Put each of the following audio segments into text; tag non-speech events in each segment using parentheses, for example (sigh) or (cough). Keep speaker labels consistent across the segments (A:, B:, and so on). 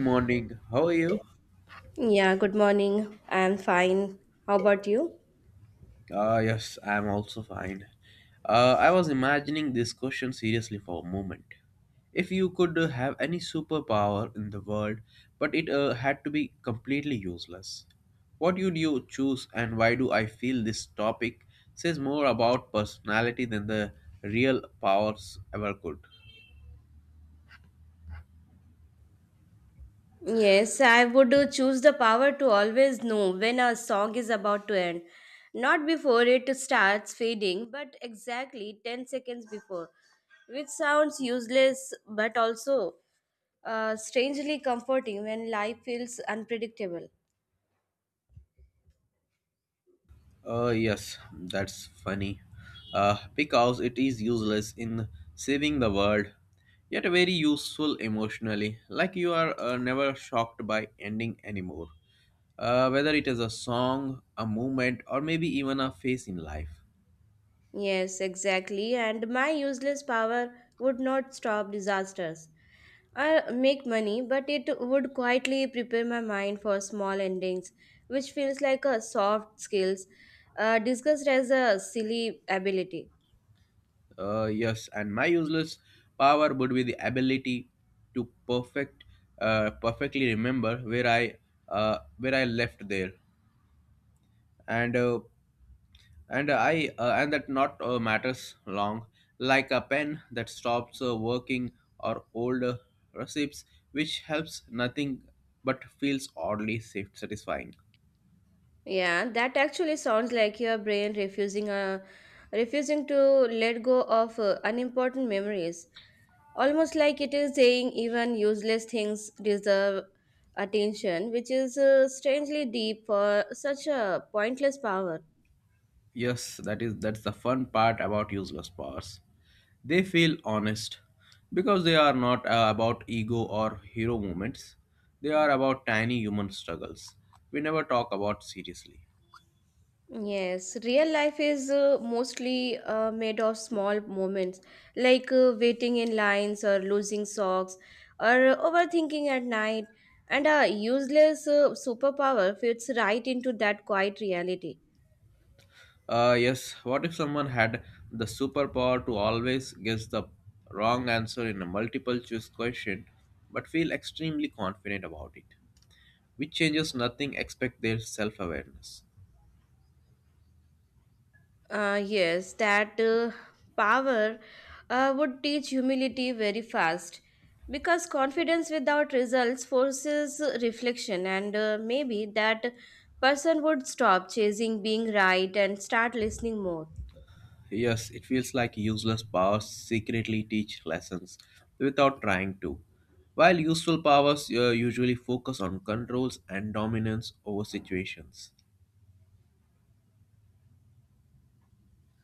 A: Morning. How are you?
B: Yeah, good morning. I'm fine. How about you?
A: Yes, I'm also fine. I was imagining this question seriously for a moment. If you could have any superpower in the world, but it had to be completely useless, what would you choose and why do I feel this topic says more about personality than the real powers ever could?
B: Yes, I would choose the power to always know when a song is about to end. Not before it starts fading, but exactly 10 seconds before, which sounds useless but also strangely comforting when life feels unpredictable.
A: Yes, that's funny. Because it is useless in saving the world, yet very useful emotionally. Like you are never shocked by ending anymore. Whether it is a song, a movement, or maybe even a phase in life.
B: Yes, exactly. And my useless power would not stop disasters. I make money, but it would quietly prepare my mind for small endings, which feels like a soft skills, discussed as a silly ability.
A: Yes, and my useless power would be the ability to perfectly remember where I left there, and uh, and that not matters long, like a pen that stops working or old receipts, which helps nothing but feels oddly satisfying.
B: Yeah, that actually sounds like your brain refusing to let go of unimportant memories, almost like it is saying even useless things deserve attention, which is strangely deep for such a pointless power.
A: Yes, that's the fun part about useless powers. They feel honest because they are not about ego or hero moments. They are about tiny human struggles we never talk about seriously.
B: Yes, real life is mostly made of small moments like waiting in lines or losing socks or overthinking at night. And a useless superpower fits right into that quiet reality.
A: Yes, what if someone had the superpower to always guess the wrong answer in a multiple choice question but feel extremely confident about it, which changes nothing except their self awareness?
B: Yes, that power would teach humility very fast because confidence without results forces reflection, and maybe that person would stop chasing being right and start listening more.
A: Yes, it feels like useless powers secretly teach lessons without trying to, while useful powers usually focus on controls and dominance over situations.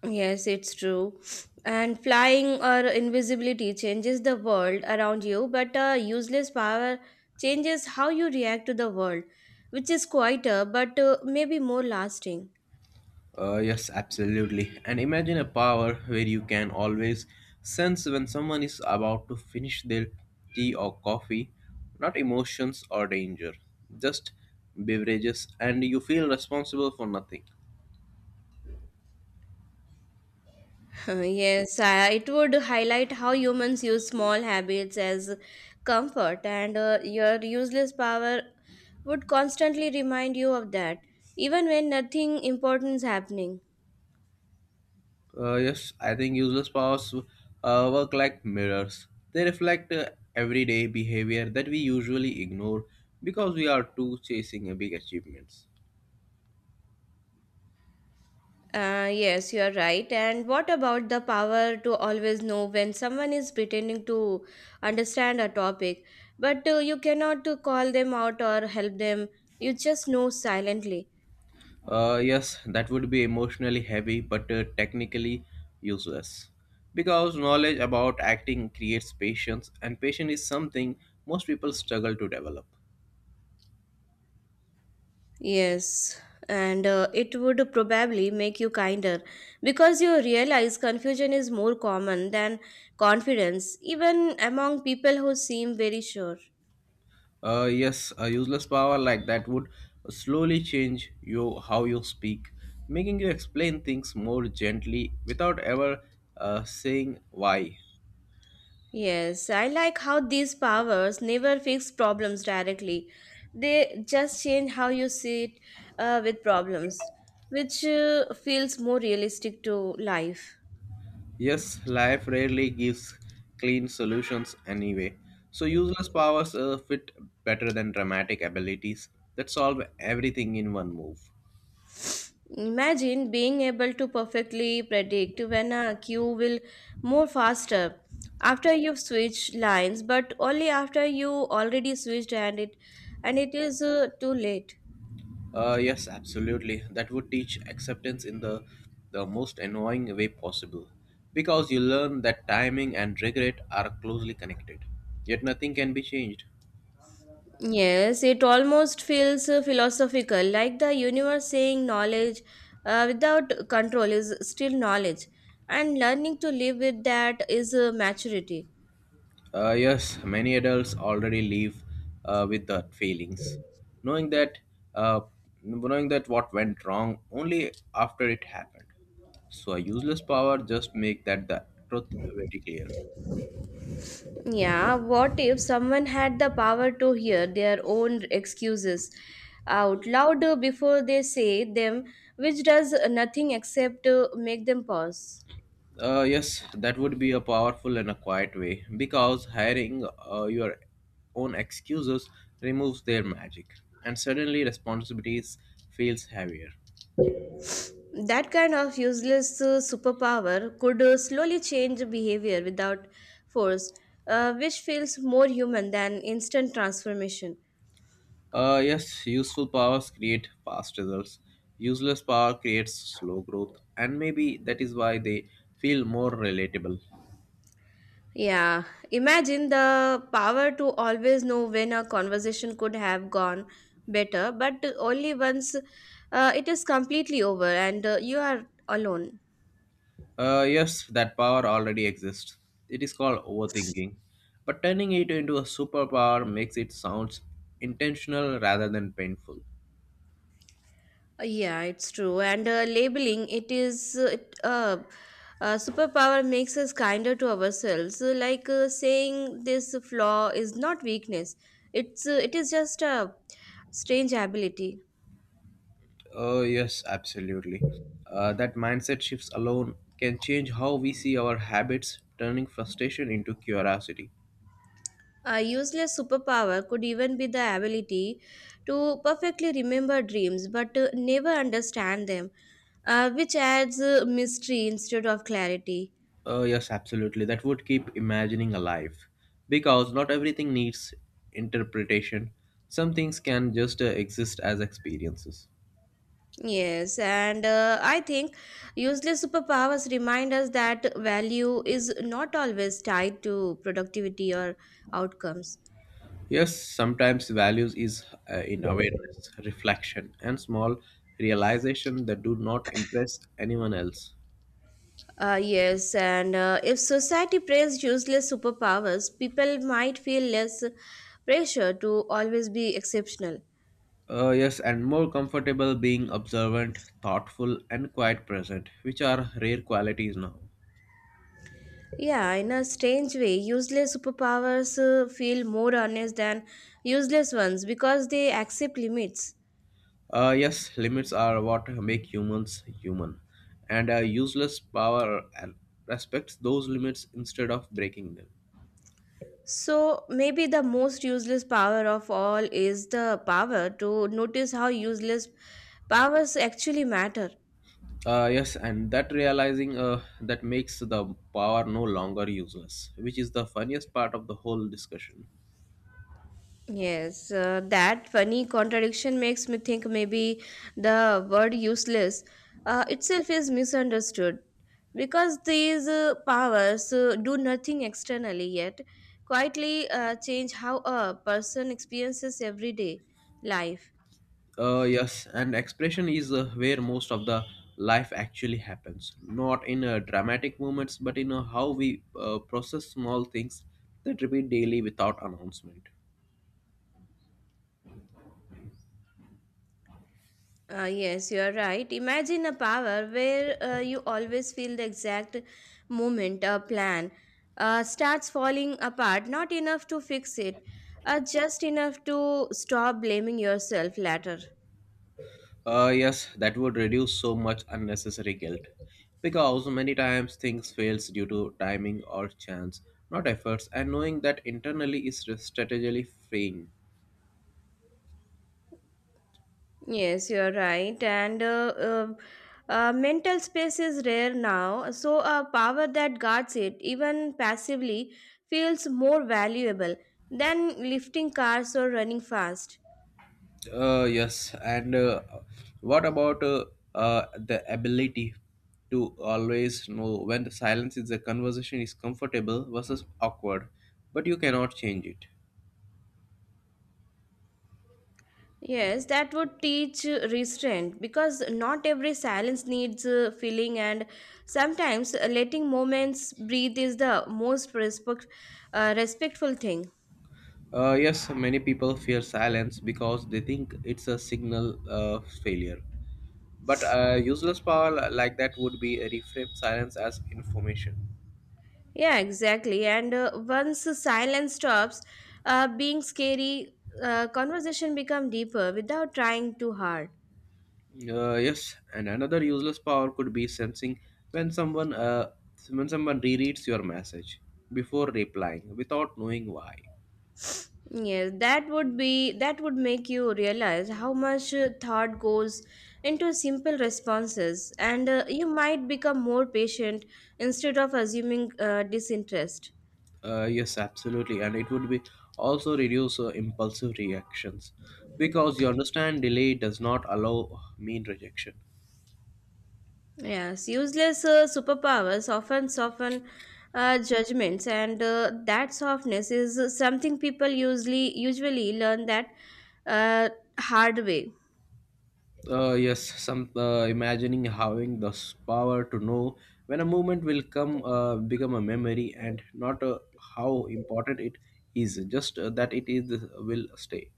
B: Yes, it's true. And flying or invisibility changes the world around you, but useless power changes how you react to the world, which is quieter but maybe more lasting.
A: Yes, absolutely. And imagine a power where you can always sense when someone is about to finish their tea or coffee, not emotions or danger, just beverages, and you feel responsible for nothing.
B: Yes, it would highlight how humans use small habits as comfort, and your useless power would constantly remind you of that, even when nothing important is happening.
A: Yes, I think useless powers work like mirrors. They reflect everyday behavior that we usually ignore because we are too chasing big achievements.
B: Yes, you are right. And what about the power to always know when someone is pretending to understand a topic, but you cannot call them out or help them? You just know silently.
A: Yes, that would be emotionally heavy but technically useless. Because knowledge about acting creates patience, and patience is something most people struggle to develop.
B: Yes, and it would probably make you kinder because you realize confusion is more common than confidence, even among people who seem very sure.
A: Yes, a useless power like that would slowly change you how you speak, making you explain things more gently without ever saying why.
B: Yes, I like how these powers never fix problems directly. They just change how you see it with problems, which feels more realistic to life.
A: Yes, life rarely gives clean solutions anyway. So useless powers fit better than dramatic abilities that solve everything in one move.
B: Imagine being able to perfectly predict when a queue will move faster after you've switched lines, but only after you already switched and it is too late.
A: Yes, absolutely. That would teach acceptance in the most annoying way possible, because you learn that timing and regret are closely connected. Yet nothing can be changed.
B: Yes, it almost feels philosophical, like the universe saying knowledge without control is still knowledge, and learning to live with that is maturity.
A: Yes, many adults already live with that feelings, knowing that uh, knowing that what went wrong only after it happened. So a useless power just make that the truth very clear.
B: Yeah, what if someone had the power to hear their own excuses out loud before they say them, which does nothing except make them pause?
A: Yes, that would be a powerful and a quiet way because hiring your own excuses removes their magic, and suddenly responsibilities feels heavier.
B: That kind of useless superpower could slowly change behavior without force, which feels more human than instant transformation.
A: Yes, useful powers create fast results. Useless power creates slow growth, and maybe that is why they feel more relatable.
B: Yeah, imagine the power to always know when a conversation could have gone better, but only once it is completely over and you are alone.
A: Yes, that power already exists. It is called overthinking. But turning it into a superpower makes it sound intentional rather than painful.
B: Yeah, it's true. And labeling it is superpower makes us kinder to ourselves. Like saying this flaw is not weakness. It is just a strange ability.
A: Yes, absolutely. That mindset shifts alone can change how we see our habits, turning frustration into curiosity.
B: A useless superpower could even be the ability to perfectly remember dreams but never understand them, which adds mystery instead of clarity.
A: Oh, yes, absolutely. That would keep imagining alive. Because not everything needs interpretation. Some things can just exist as experiences.
B: Yes, and I think useless superpowers remind us that value is not always tied to productivity or outcomes.
A: Yes, sometimes values is in awareness, reflection, and small realization that do not impress anyone else.
B: Yes, and if society praised useless superpowers, people might feel less pressure to always be exceptional.
A: Yes, and more comfortable being observant, thoughtful, and quite present, which are rare qualities now.
B: Yeah, in a strange way, useless superpowers feel more honest than useless ones because they accept limits.
A: Yes, limits are what make humans human, and a useless power respects those limits instead of breaking them.
B: So, maybe the most useless power of all is the power to notice how useless powers actually matter.
A: Yes, and that realizing that makes the power no longer useless, which is the funniest part of the whole discussion.
B: Yes, that funny contradiction makes me think maybe the word useless itself is misunderstood because these powers do nothing externally yet quietly change how a person experiences everyday life.
A: Yes, and expression is where most of the life actually happens, not in dramatic moments, but in how we process small things that repeat daily without announcement.
B: Yes, you are right. Imagine a power where you always feel the exact moment a plan starts falling apart, not enough to fix it, just enough to stop blaming yourself later.
A: Yes, that would reduce so much unnecessary guilt. Because many times things fails due to timing or chance, not efforts, and knowing that internally is strategically freeing.
B: Yes, you are right. And mental space is rare now, so a power that guards it, even passively, feels more valuable than lifting cars or running fast.
A: Yes, and what about the ability to always know when the silence is the conversation is comfortable versus awkward, but you cannot change it.
B: Yes, that would teach restraint because not every silence needs filling, and sometimes letting moments breathe is the most respectful thing.
A: Yes, many people fear silence because they think it's a signal of failure. But useless power like that would be reframe silence as information.
B: Yeah, exactly. And once the silence stops being scary, conversation become deeper without trying too hard.
A: Yes, and another useless power could be sensing when someone uh, when someone rereads your message before replying without knowing why.
B: Yes, that would make you realize how much thought goes into simple responses, and you might become more patient instead of assuming disinterest.
A: Yes, absolutely, and it would be also reduce impulsive reactions because you understand delay does not allow mean rejection.
B: Yes, useless superpowers often soften judgments, and that softness is something people usually learn that uh, hard way.
A: Yes, some imagining having this power to know when a moment will come, become a memory, and not how important it is, just that it is will stay.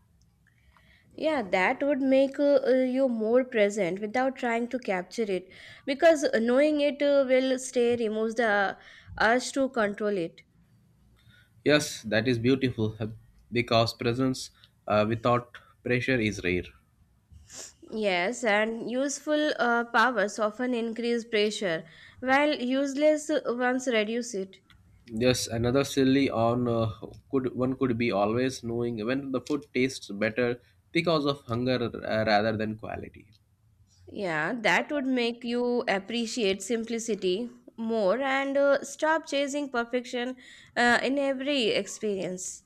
B: Yeah, that would make you more present without trying to capture it because knowing it will stay removes the urge to control it.
A: Yes, that is beautiful because presence without pressure is rare.
B: Yes, and useful powers often increase pressure while useless ones reduce it.
A: Yes, another silly on could one could be always knowing when the food tastes better because of hunger rather than quality.
B: Yeah, that would make you appreciate simplicity more and stop chasing perfection in every experience.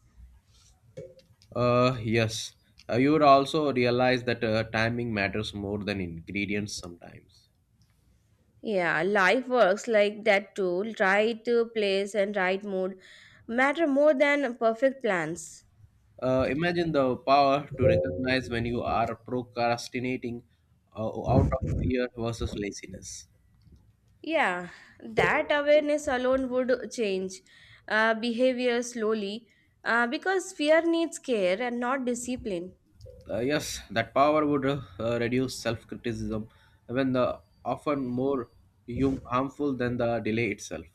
A: Yes. You would also realize that timing matters more than ingredients sometimes.
B: Yeah, life works like that too. Right place and right mood matter more than perfect plans.
A: Imagine the power to recognize when you are procrastinating out of fear versus laziness.
B: Yeah, that awareness alone would change behavior slowly because fear needs care and not discipline.
A: Yes, that power would reduce self criticism when the often more harmful than the delay itself.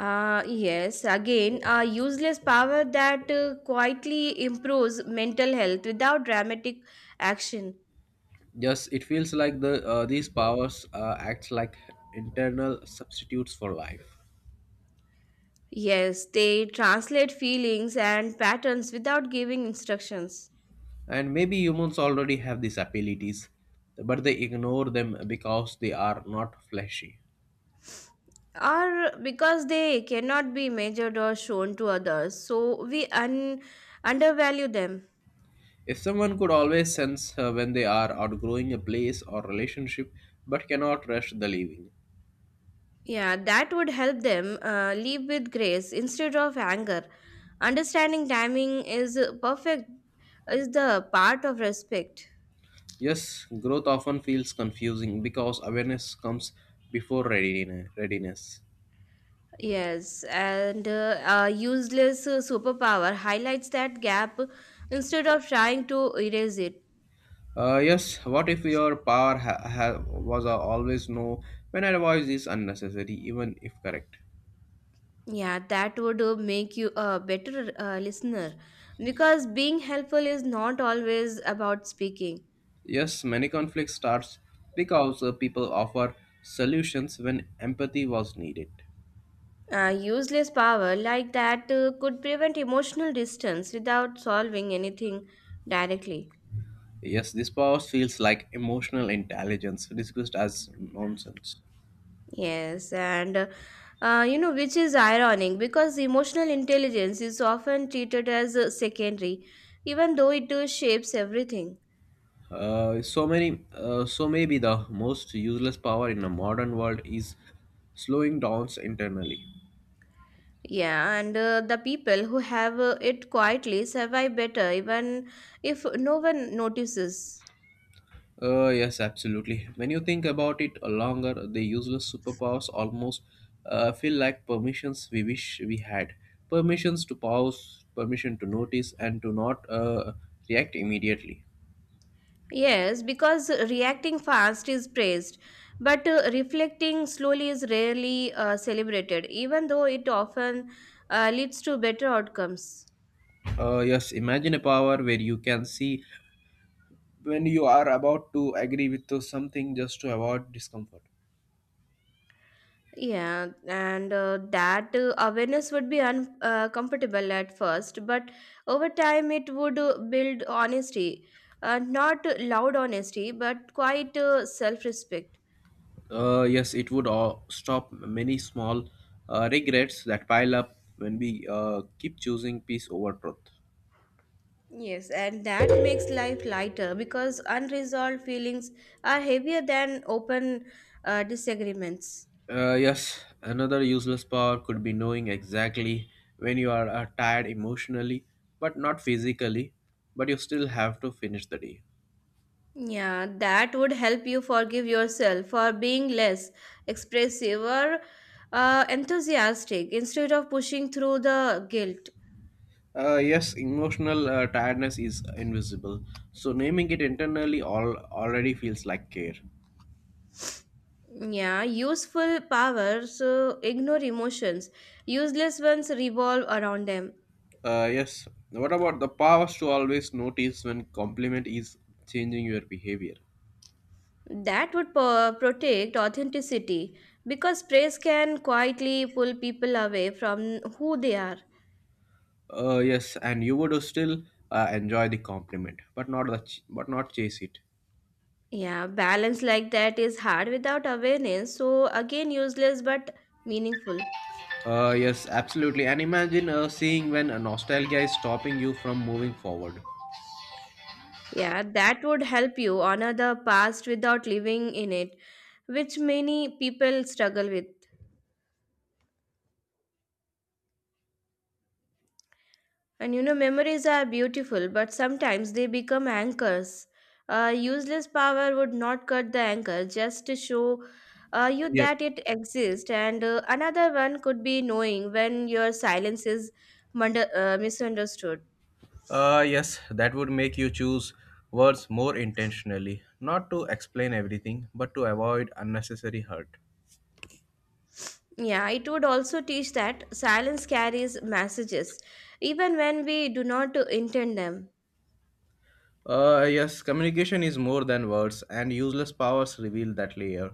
B: Yes, again, a useless power that quietly improves mental health without dramatic action.
A: Yes, it feels like these powers act like internal substitutes for life.
B: Yes, they translate feelings and patterns without giving instructions.
A: And maybe humans already have these abilities, but they ignore them because they are not fleshy.
B: Or because they cannot be measured or shown to others, so we undervalue them.
A: If someone could always sense when they are outgrowing a place or relationship but cannot rush the leaving.
B: Yeah, that would help them live with grace instead of anger, understanding timing is perfect is the part of respect.
A: Yes, growth often feels confusing because awareness comes before readiness.
B: Yes, and a useless superpower highlights that gap instead of trying to erase it.
A: Yes, what if your power was a always no when advice is unnecessary, even if correct?
B: Yeah, that would make you a better listener because being helpful is not always about speaking.
A: Yes, many conflicts starts because people offer solutions when empathy was needed.
B: A useless power like that could prevent emotional distance without solving anything directly.
A: Yes, this power feels like emotional intelligence discussed as nonsense.
B: Yes, and which is ironic because emotional intelligence is often treated as secondary, even though it shapes everything.
A: So maybe the most useless power in a modern world is slowing down internally.
B: Yeah, and the people who have it quietly survive better, even if no one notices.
A: Yes, absolutely. When you think about it longer, the useless superpowers almost feel like permissions we wish we had. Permissions to pause, permission to notice, and to not react immediately.
B: Yes, because reacting fast is praised, but reflecting slowly is rarely celebrated, even though it often leads to better outcomes.
A: Yes, imagine a power where you can see when you are about to agree with to something just to avoid discomfort.
B: Yeah, and that awareness would be uncomfortable at first, but over time it would build honesty. Not loud honesty, but quite self respect.
A: Yes, it would all stop many small regrets that pile up when we keep choosing peace over truth.
B: Yes, and that makes life lighter because unresolved feelings are heavier than open disagreements.
A: Yes, another useless power could be knowing exactly when you are tired emotionally, but not physically, but you still have to finish the day.
B: Yeah, that would help you forgive yourself for being less expressive or enthusiastic instead of pushing through the guilt.
A: Yes, emotional tiredness is invisible, so naming it internally all already feels like care.
B: Yeah, useful powers ignore emotions. Useless ones revolve around them.
A: Yes, what about the powers to always notice when compliment is changing your behavior?
B: That would protect authenticity because praise can quietly pull people away from who they are.
A: Yes, and you would still enjoy the compliment, but not chase it.
B: Yeah, balance like that is hard without awareness, so again, useless but meaningful.
A: Yes, absolutely. And imagine seeing when a nostalgia is stopping you from moving forward.
B: Yeah, that would help you honor the past without living in it, which many people struggle with. And memories are beautiful, but sometimes they become anchors. A useless power would not cut the anchor just to show you
A: Yes.
B: that it exists. And another one could be knowing when your silence is misunderstood.
A: Yes, that would make you choose words more intentionally, not to explain everything, but to avoid unnecessary hurt.
B: Yeah, it would also teach that silence carries messages, even when we do not intend them.
A: Yes, communication is more than words, and useless powers reveal that layer.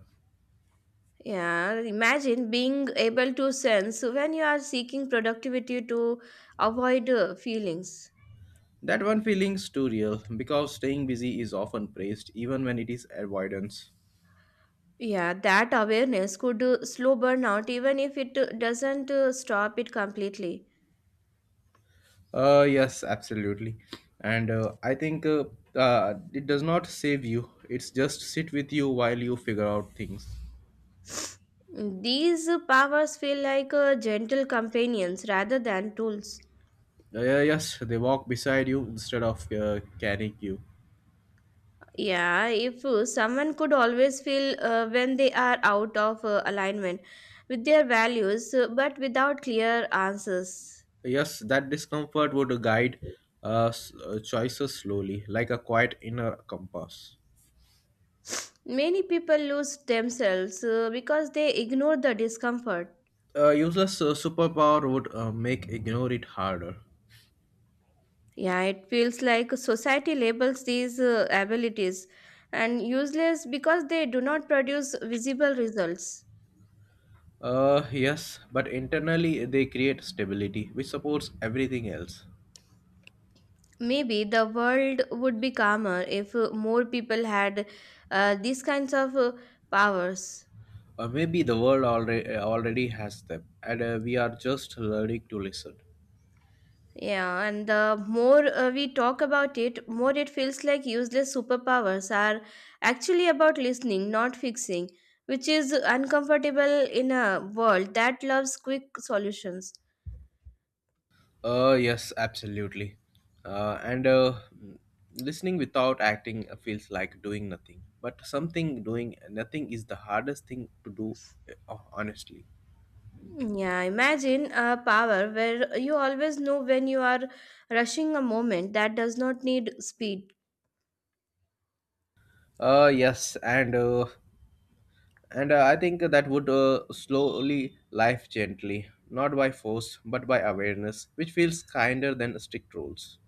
B: Yeah, imagine being able to sense when you are seeking productivity to avoid feelings.
A: That one feeling's too real because staying busy is often praised, even when it is avoidance.
B: Yeah, that awareness could slow burnout even if it doesn't stop it completely.
A: Yes, absolutely. And I think it does not save you. It's just sit with you while you figure out things.
B: These powers feel like gentle companions rather than tools.
A: Yeah, yes, they walk beside you instead of carrying you.
B: Yeah, if someone could always feel when they are out of alignment with their values but without clear answers.
A: Yes, that discomfort would guide choices slowly, like a quiet inner compass.
B: Many people lose themselves because they ignore the discomfort.
A: A useless superpower would make ignore it harder.
B: Yeah, it feels like society labels these abilities and useless because they do not produce visible results.
A: Yes, but internally they create stability, which supports everything else.
B: Maybe the world would be calmer if more people had these kinds of powers.
A: Maybe the world already has them, and we are just learning to listen.
B: Yeah, and the more we talk about it, more it feels like useless superpowers are actually about listening, not fixing, which is uncomfortable in a world that loves quick solutions.
A: Yes, absolutely. Uh, and uh, mm, Listening without acting feels like doing nothing. But something doing nothing is the hardest thing to do, honestly.
B: Yeah, imagine a power where you always know when you are rushing a moment that does not need speed.
A: Yes, and I think that would slowly life gently, not by force but by awareness, which feels kinder than strict rules.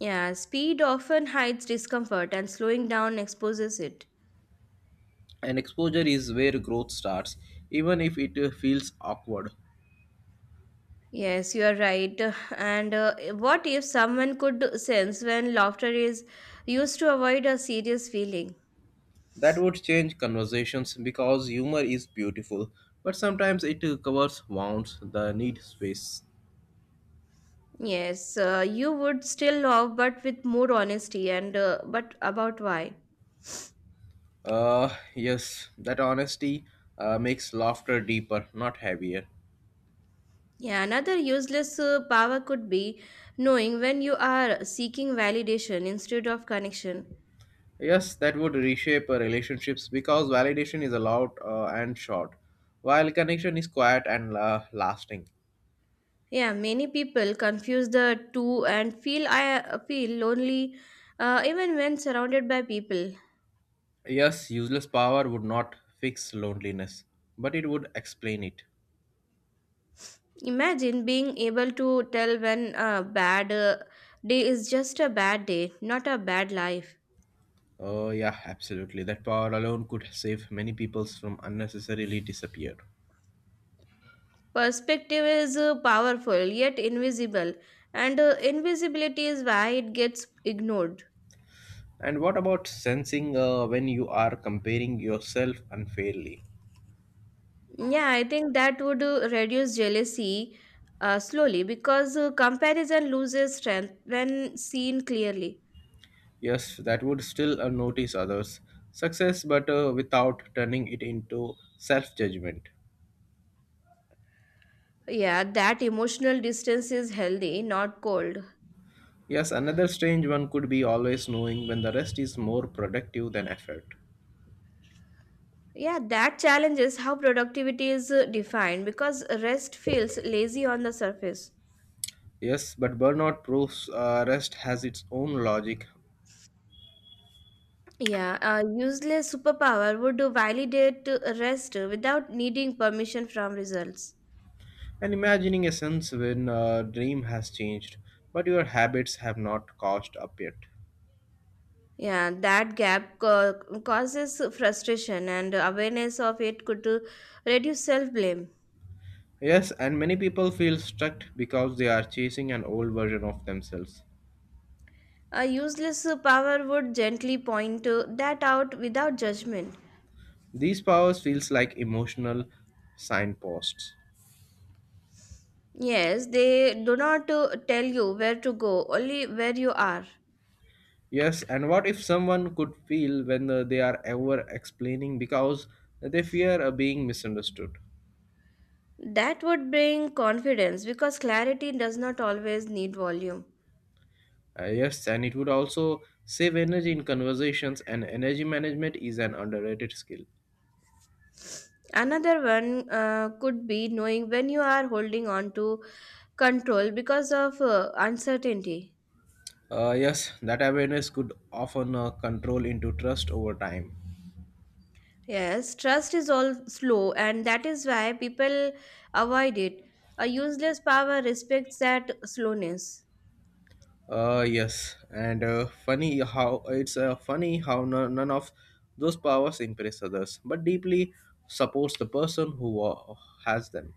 B: Yeah, speed often hides discomfort and slowing down exposes it.
A: And exposure is where growth starts, even if it feels awkward.
B: Yes, you are right. And what if someone could sense when laughter is used to avoid a serious feeling?
A: That would change conversations because humor is beautiful, but sometimes it covers wounds, the need space.
B: Yes, you would still laugh, but with more honesty and but about why.
A: Yes, that honesty makes laughter deeper, not heavier.
B: Yeah, another useless power could be knowing when you are seeking validation instead of connection.
A: Yes, that would reshape relationships because validation is allowed and short, while connection is quiet and lasting.
B: Yeah, many people confuse the two and feel lonely even when surrounded by people.
A: Yes, useless power would not fix loneliness, but it would explain it.
B: Imagine being able to tell when a bad day is just a bad day, not a bad life.
A: Oh, yeah, absolutely. That power alone could save many peoples from unnecessarily disappear.
B: Perspective is powerful yet invisible, and invisibility is why it gets ignored.
A: And what about sensing when you are comparing yourself unfairly?
B: Yeah, I think that would reduce jealousy slowly because comparison loses strength when seen clearly.
A: Yes, that would still notice others. Success, but without turning it into self judgment.
B: Yeah, that emotional distance is healthy, not cold.
A: Yes, another strange one could be always knowing when the rest is more productive than effort.
B: Yeah, that challenges how productivity is defined because rest feels lazy on the surface.
A: Yes, but burnout proves rest has its own logic.
B: Yeah, a useless superpower would validate rest without needing permission from results.
A: And imagining a sense when a dream has changed, but your habits have not caught up yet.
B: Yeah, that gap causes frustration, and awareness of it could reduce self blame.
A: Yes, and many people feel stuck because they are chasing an old version of themselves.
B: A useless power would gently point that out without judgment.
A: These powers feels like emotional signposts.
B: Yes, they do not tell you where to go, only where you are.
A: Yes, and what if someone could feel when they are ever explaining because they fear being misunderstood?
B: That would bring confidence because clarity does not always need volume.
A: Yes, and it would also save energy in conversations, and energy management is an underrated skill.
B: Another one could be knowing when you are holding on to control because of uncertainty.
A: Yes, that awareness could often control into trust over time.
B: Yes, trust is all slow, and that is why people avoid it. A useless power respects that slowness.
A: Yes, and funny how it's funny how no, none of those powers impress others, but deeply supports the person who has them.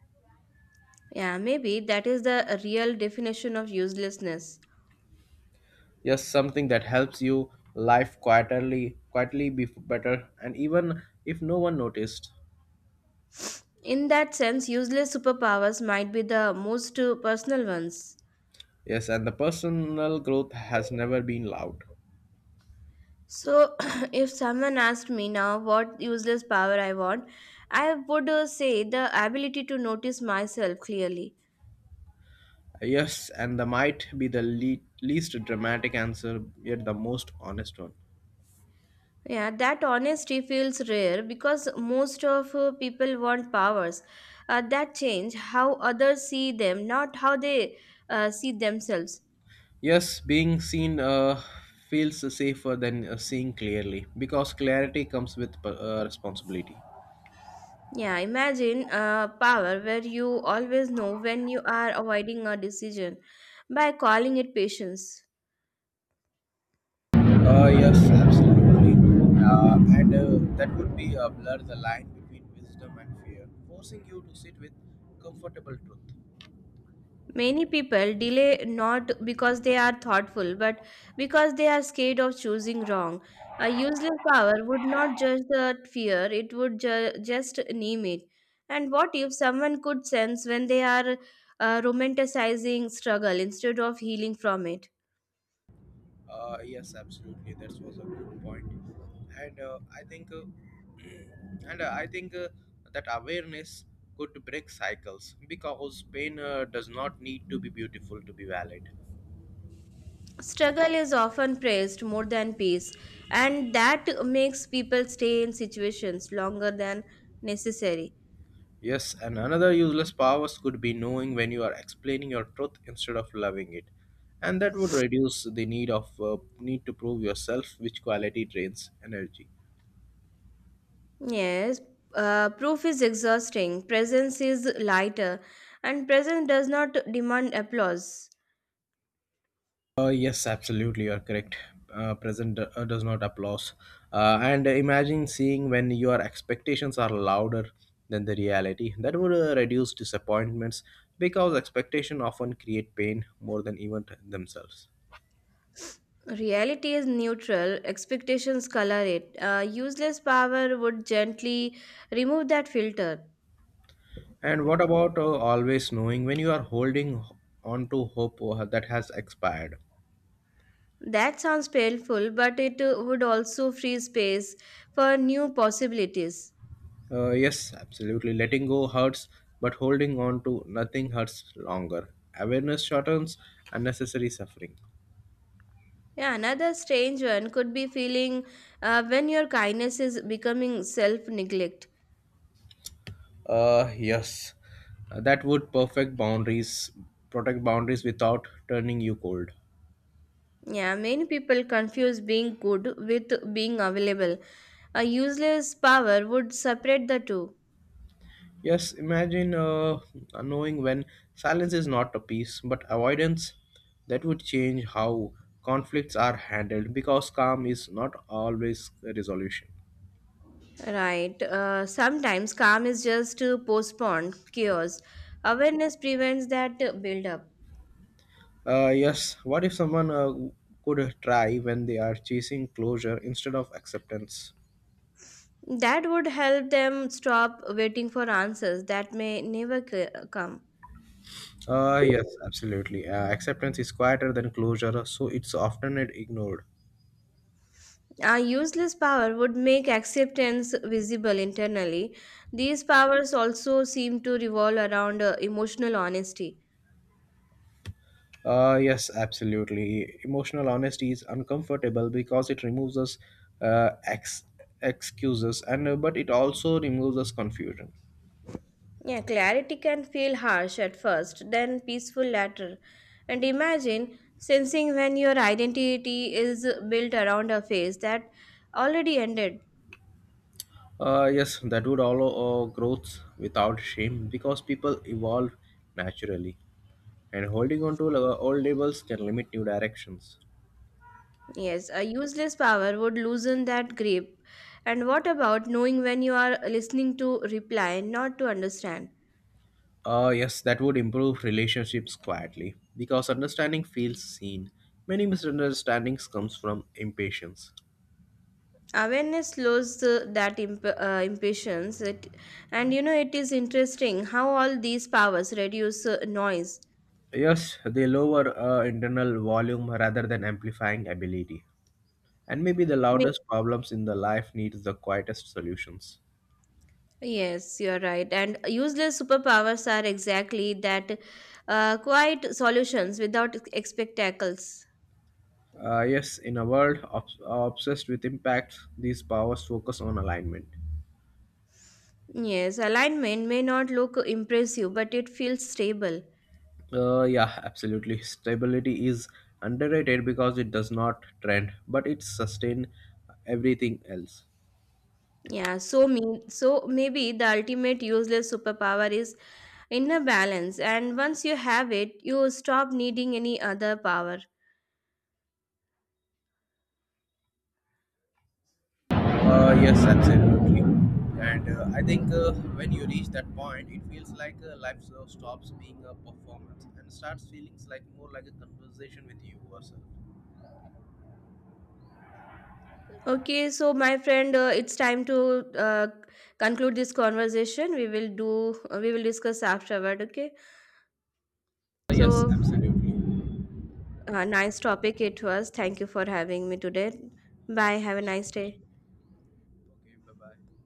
B: Yeah, maybe that is the real definition of uselessness.
A: Yes, something that helps you life quietly, quietly be better, and even if no one noticed.
B: In that sense, useless superpowers might be the most personal ones.
A: Yes, and the personal growth has never been loud.
B: So, (clears throat) if someone asked me now what useless power I want, I would say the ability to notice myself clearly.
A: Yes, and the might be the least dramatic answer, yet the most honest one.
B: Yeah, that honesty feels rare because most of people want powers that change how others see them, not how they see themselves.
A: Yes, being seen feels safer than seeing clearly because clarity comes with responsibility.
B: Yeah, imagine a power where you always know when you are avoiding a decision by calling it patience.
A: Yes, absolutely. And that would be blur the line between wisdom and fear, forcing you to sit with comfortable truth.
B: Many people delay not because they are thoughtful, but because they are scared of choosing wrong. A useless power would not judge that fear, it would just name it. And what if someone could sense when they are romanticizing struggle instead of healing from it?
A: Yes, absolutely. That was a good point, and (clears throat) and I think that awareness could break cycles because pain does not need to be beautiful to be valid.
B: Struggle is often praised more than peace, and that makes people stay in situations longer than necessary.
A: Yes, and another useless powers could be knowing when you are explaining your truth instead of loving it, and that would reduce the need to prove yourself, which quality drains energy.
B: Yes, proof is exhausting, presence is lighter, and presence does not demand applause.
A: Yes, absolutely, you are correct. Present does not applause. And imagine seeing when your expectations are louder than the reality. That would reduce disappointments because expectation often create pain more than even themselves.
B: Reality is neutral, expectations color it. Useless power would gently remove that filter.
A: And what about always knowing when you are holding on to hope that has expired?
B: That sounds painful, but it would also free space for new possibilities.
A: Yes, absolutely. Letting go hurts, but holding on to nothing hurts longer. Awareness shortens unnecessary suffering.
B: Yeah, another strange one could be feeling when your kindness is becoming self neglect.
A: Uh, yes, that would perfect boundaries, protect boundaries without turning you cold.
B: Yeah, many people confuse being good with being available. A useless power would separate the two.
A: Yes, imagine knowing when silence is not a peace but avoidance. That would change how conflicts are handled because calm is not always a resolution.
B: Right. Sometimes calm is just to postpone chaos. Awareness prevents that build up.
A: Yes, what if someone could try when they are chasing closure instead of acceptance?
B: That would help them stop waiting for answers that may never come.
A: Yes, absolutely. Acceptance is quieter than closure, so it's often ignored.
B: A useless power would make acceptance visible internally. These powers also seem to revolve around emotional honesty.
A: Yes, absolutely. Emotional honesty is uncomfortable because it removes us uh, ex- excuses, and but it also removes us confusion.
B: Yeah, clarity can feel harsh at first, then peaceful later. And imagine sensing when your identity is built around a phase that already ended.
A: Yes, that would allow growth without shame because people evolve naturally, and holding on to old labels can limit new directions.
B: Yes, a useless power would loosen that grip. And what about knowing when you are listening to reply, not to understand?
A: Yes, that would improve relationships quietly because understanding feels seen. Many misunderstandings comes from impatience.
B: Awareness slows impatience. It, and you know, It is interesting how all these powers reduce noise.
A: Yes, they lower internal volume rather than amplifying ability. And maybe the loudest problems in the life needs the quietest solutions.
B: Yes, you're right. And useless superpowers are exactly that quiet solutions without spectacles.
A: Yes, in a world obsessed with impact, these powers focus on alignment.
B: Yes, alignment may not look impressive, but it feels stable.
A: Yeah, absolutely. Stability is underrated because it does not trend, but it sustain everything else.
B: Yeah, so maybe the ultimate useless superpower is inner balance, and once you have it, you stop needing any other power.
A: Yes, absolutely. And I think when you reach that point, it feels like life stops being a performance and starts feeling like more like a conversation with you yourself.
B: Okay, so my friend, it's time to conclude this conversation. We will discuss afterward. Okay,
A: Yes,
B: so.
A: absolutely.
B: Nice topic it was. Thank you for having me today.
A: Yeah,
B: Bye.
A: thank
B: Have a
A: you so
B: nice
A: much.
B: day.
A: Okay, bye bye.